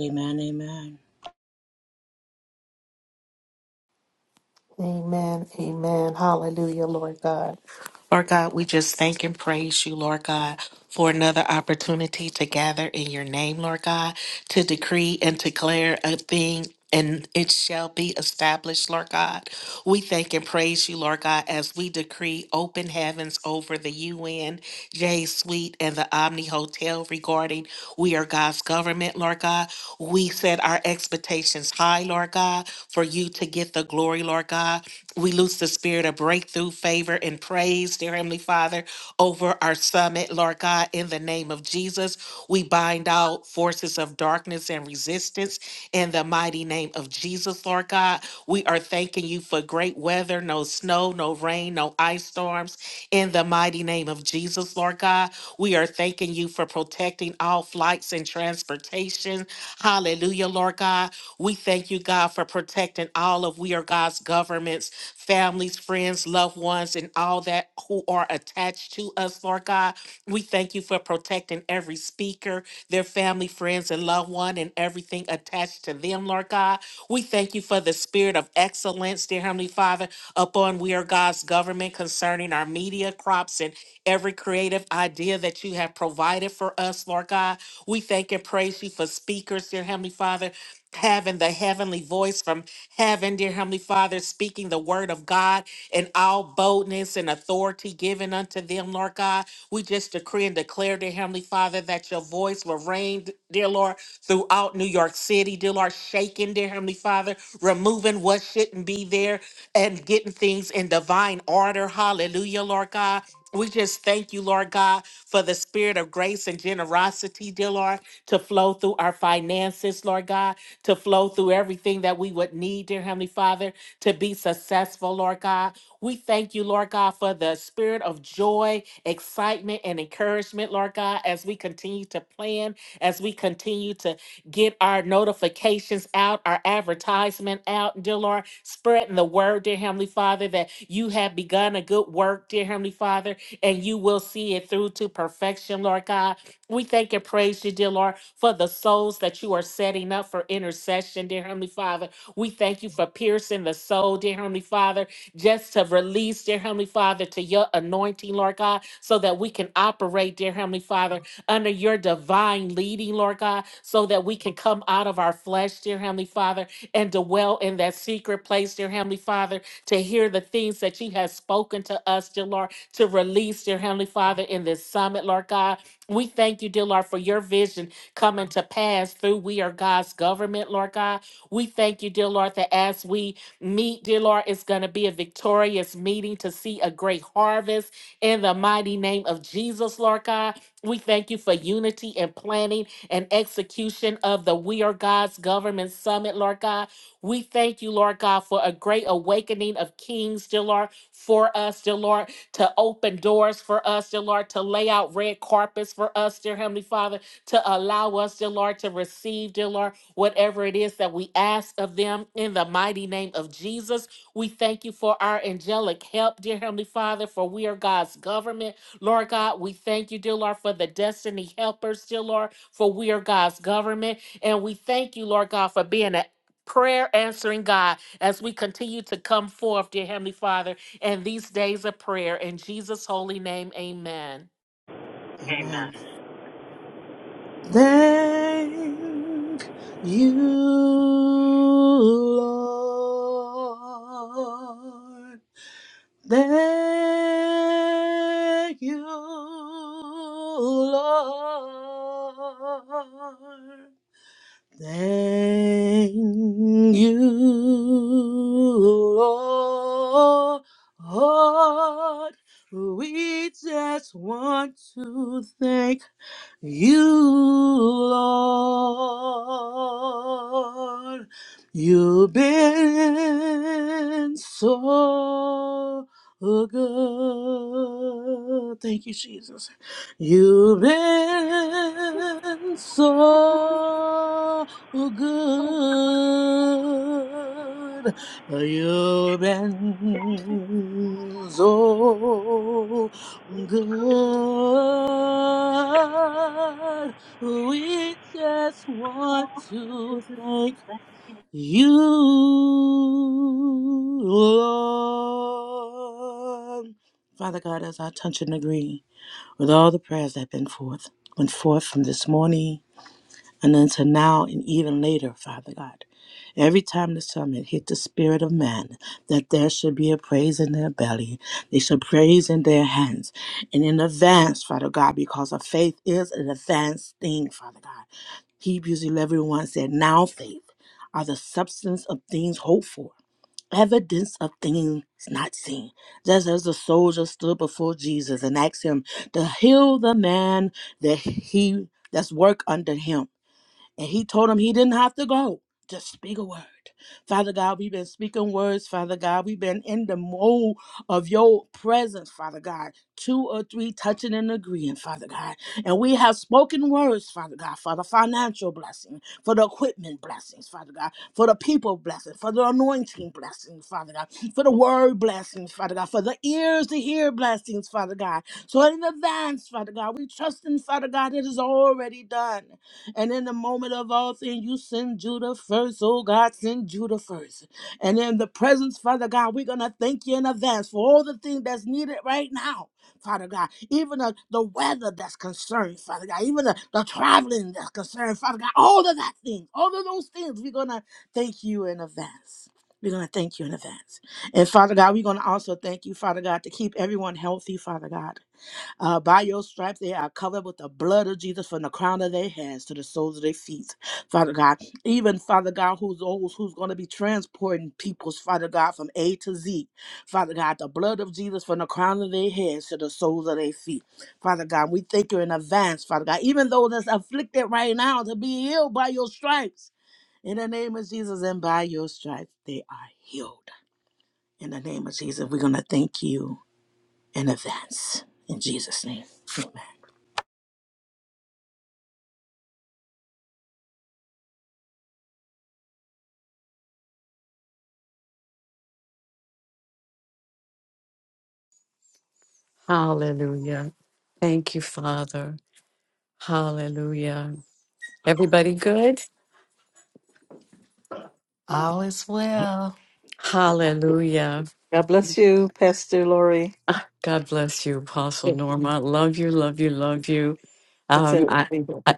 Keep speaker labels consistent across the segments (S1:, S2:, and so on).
S1: Amen. Amen.
S2: Amen. Amen. Hallelujah, Lord God. Lord God, we just thank and praise you, Lord God, for another opportunity to gather in your name, Lord God, to decree and declare a thing. And it shall be established, Lord God. We thank and praise you, Lord God, as we decree open heavens over the UNJ Suite, and the Omni Hotel regarding we are God's government, Lord God. We set our expectations high, Lord God, for you to get the glory, Lord God. We loose loose the spirit of breakthrough, favor, and praise, dear Heavenly Father, over our summit, Lord God, in the name of Jesus. We bind out forces of darkness and resistance in the mighty name of Jesus, Lord God. We are thanking you for great weather, no snow, no rain, no ice storms, in the mighty name of Jesus, Lord God. We are thanking you for protecting all flights and transportation. Hallelujah, Lord God. We thank you, God, for protecting and all of we are God's governments, families, friends, loved ones, and all that who are attached to us, Lord God. We thank you for protecting every speaker, their family, friends, and loved one, and everything attached to them, Lord God. We thank you for the spirit of excellence, dear Heavenly Father, upon we are God's government concerning our media crops and every creative idea that you have provided for us, Lord God. We thank and praise you for speakers, dear Heavenly Father having the heavenly voice from heaven, dear Heavenly Father, speaking the word of God in all boldness and authority given unto them, Lord God. We just decree and declare, dear Heavenly Father, that your voice will reign, dear Lord, throughout New York City, dear Lord, shaking, dear Heavenly Father, removing what shouldn't be there and getting things in divine order. Hallelujah, Lord God. We just thank you, Lord God, for the spirit of grace and generosity, dear Lord, to flow through our finances, Lord God to flow through everything that we would need, dear Heavenly Father, to be successful, Lord God. We thank you, Lord God, for the spirit of joy, excitement, and encouragement, Lord God, as we continue to plan, as we continue to get our notifications out, our advertisement out, dear Lord, spreading the word, dear Heavenly Father, that you have begun a good work, dear Heavenly Father, and you will see it through to perfection, Lord God. We thank and praise you, dear Lord, for the souls that you are setting up for intercession, dear Heavenly Father. We thank you for piercing the soul, dear Heavenly Father, just to release, dear Heavenly Father, to your anointing, Lord God, so that we can operate, dear Heavenly Father, under your divine leading, Lord God, so that we can come out of our flesh, dear Heavenly Father, and dwell in that secret place, dear Heavenly Father, to hear the things that you have spoken to us, dear Lord, to release, dear Heavenly Father, in this summit, Lord God. We thank you, dear Lord, for your vision coming to pass through We Are God's government, Lord God. We thank you, dear Lord, that as we meet, dear Lord, it's going to be a victorious meeting to see a great harvest in the mighty name of Jesus, Lord God. We thank you for unity and planning and execution of the We Are God's government summit, Lord God. We thank you, Lord God, for a great awakening of kings, dear Lord, for us, dear Lord to open doors for us, dear Lord, to lay out red carpets for us, dear Heavenly Father, to allow us, dear Lord, to receive, dear Lord, whatever it is that we ask of them in the mighty name of Jesus. We thank you for our angelic help, dear Heavenly Father, for we are God's government. Lord God, we thank you, dear Lord, for the destiny helpers, dear Lord, for we are God's government. And we thank you, Lord God, for being a prayer answering God as we continue to come forth, dear Heavenly Father and these days of prayer. In Jesus' holy name, amen.
S1: Amen. Thank you, Lord. Thank you, Lord. Thank you, Lord. We just want to thank you, Lord. You've been so good. Thank you, Jesus. You've been so Oh, good are your ends, oh, good. We just want to thank you, Lord. Father God, as I touch and agree with all the prayers that have been forth, went forth from this morning and unto now and even later, Father God. Every time the summit hit the spirit of man, that there should be a praise in their belly, they should praise in their hands, and in advance, Father God, because of faith is an advanced thing, Father God. Hebrews 11 1 said, Now faith are the substance of things hoped for, evidence of things not seen. Just as the soldier stood before Jesus and asked him to heal the man that he that's work under him. And he told him he didn't have to go. Just speak a word. Father God, we've been speaking words. Father God, we've been in the mold of your presence, Father God. Two or three touching and agreeing, Father God. And we have spoken words, Father God, for the financial blessing, for the equipment blessings, Father God, for the people blessing, for the anointing blessings, Father God, for the word blessings, Father God, for the ears to hear blessings, Father God. So in advance, Father God, we trust in Father God, it is already done. And in the moment of all things, you send Judah first. Oh God, send Judah first. And in the presence, Father God, we're gonna thank you in advance for all the things that's needed right now. Father God, even the, the weather that's concerned, Father God, even the, the traveling that's concerned, Father God, all of that thing, all of those things, we're gonna thank you in advance. We're gonna thank you in advance. And Father God, we're gonna also thank you, Father God, to keep everyone healthy, Father God. Uh, by your stripes, they are covered with the blood of Jesus from the crown of their heads to the soles of their feet, Father God. Even, Father God, who's those who's going to be transporting peoples, Father God, from A to Z, Father God, the blood of Jesus from the crown of their heads to the soles of their feet, Father God. We thank you in advance, Father God, even those that's afflicted right now to be healed by your stripes. In the name of Jesus, and by your stripes, they are healed. In the name of Jesus, we're going to thank you in advance. In Jesus' name, amen.
S3: Hallelujah. Thank you, Father. Hallelujah. Everybody good?
S2: All is well.
S3: Hallelujah.
S4: God bless you, Pastor Lori.
S3: Ah, God bless you, Apostle
S4: Yeah,
S3: Norma. Love you, love you, love you.
S4: It's
S3: Um,
S4: a
S3: I, I,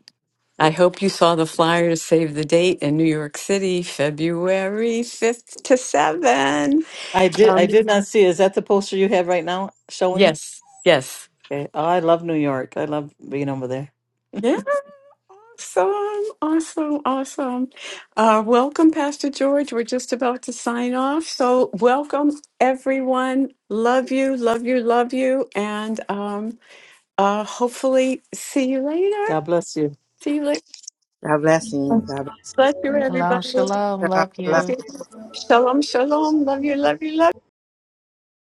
S3: I hope you saw the flyer to save the date in New York City, February 5th to 7.
S4: I did I
S3: Um,
S4: did not see. Is that the poster you have right now showing?
S3: yes, yes.
S4: Okay. Oh, I love New York. I love being over there.
S3: Awesome, awesome, awesome. Uh, welcome, Pastor George. We're just about to sign off. So, welcome, everyone. Love you, love you, love you. And um, uh, hopefully, see you later.
S4: God bless you.
S3: See you later.
S1: God bless you. God
S3: Bless you,
S2: Shalom,
S3: everybody. Love
S2: shalom.
S1: bless
S2: Love
S1: you.
S2: you.
S3: you. Shalom, shalom. Love you, love you, love you.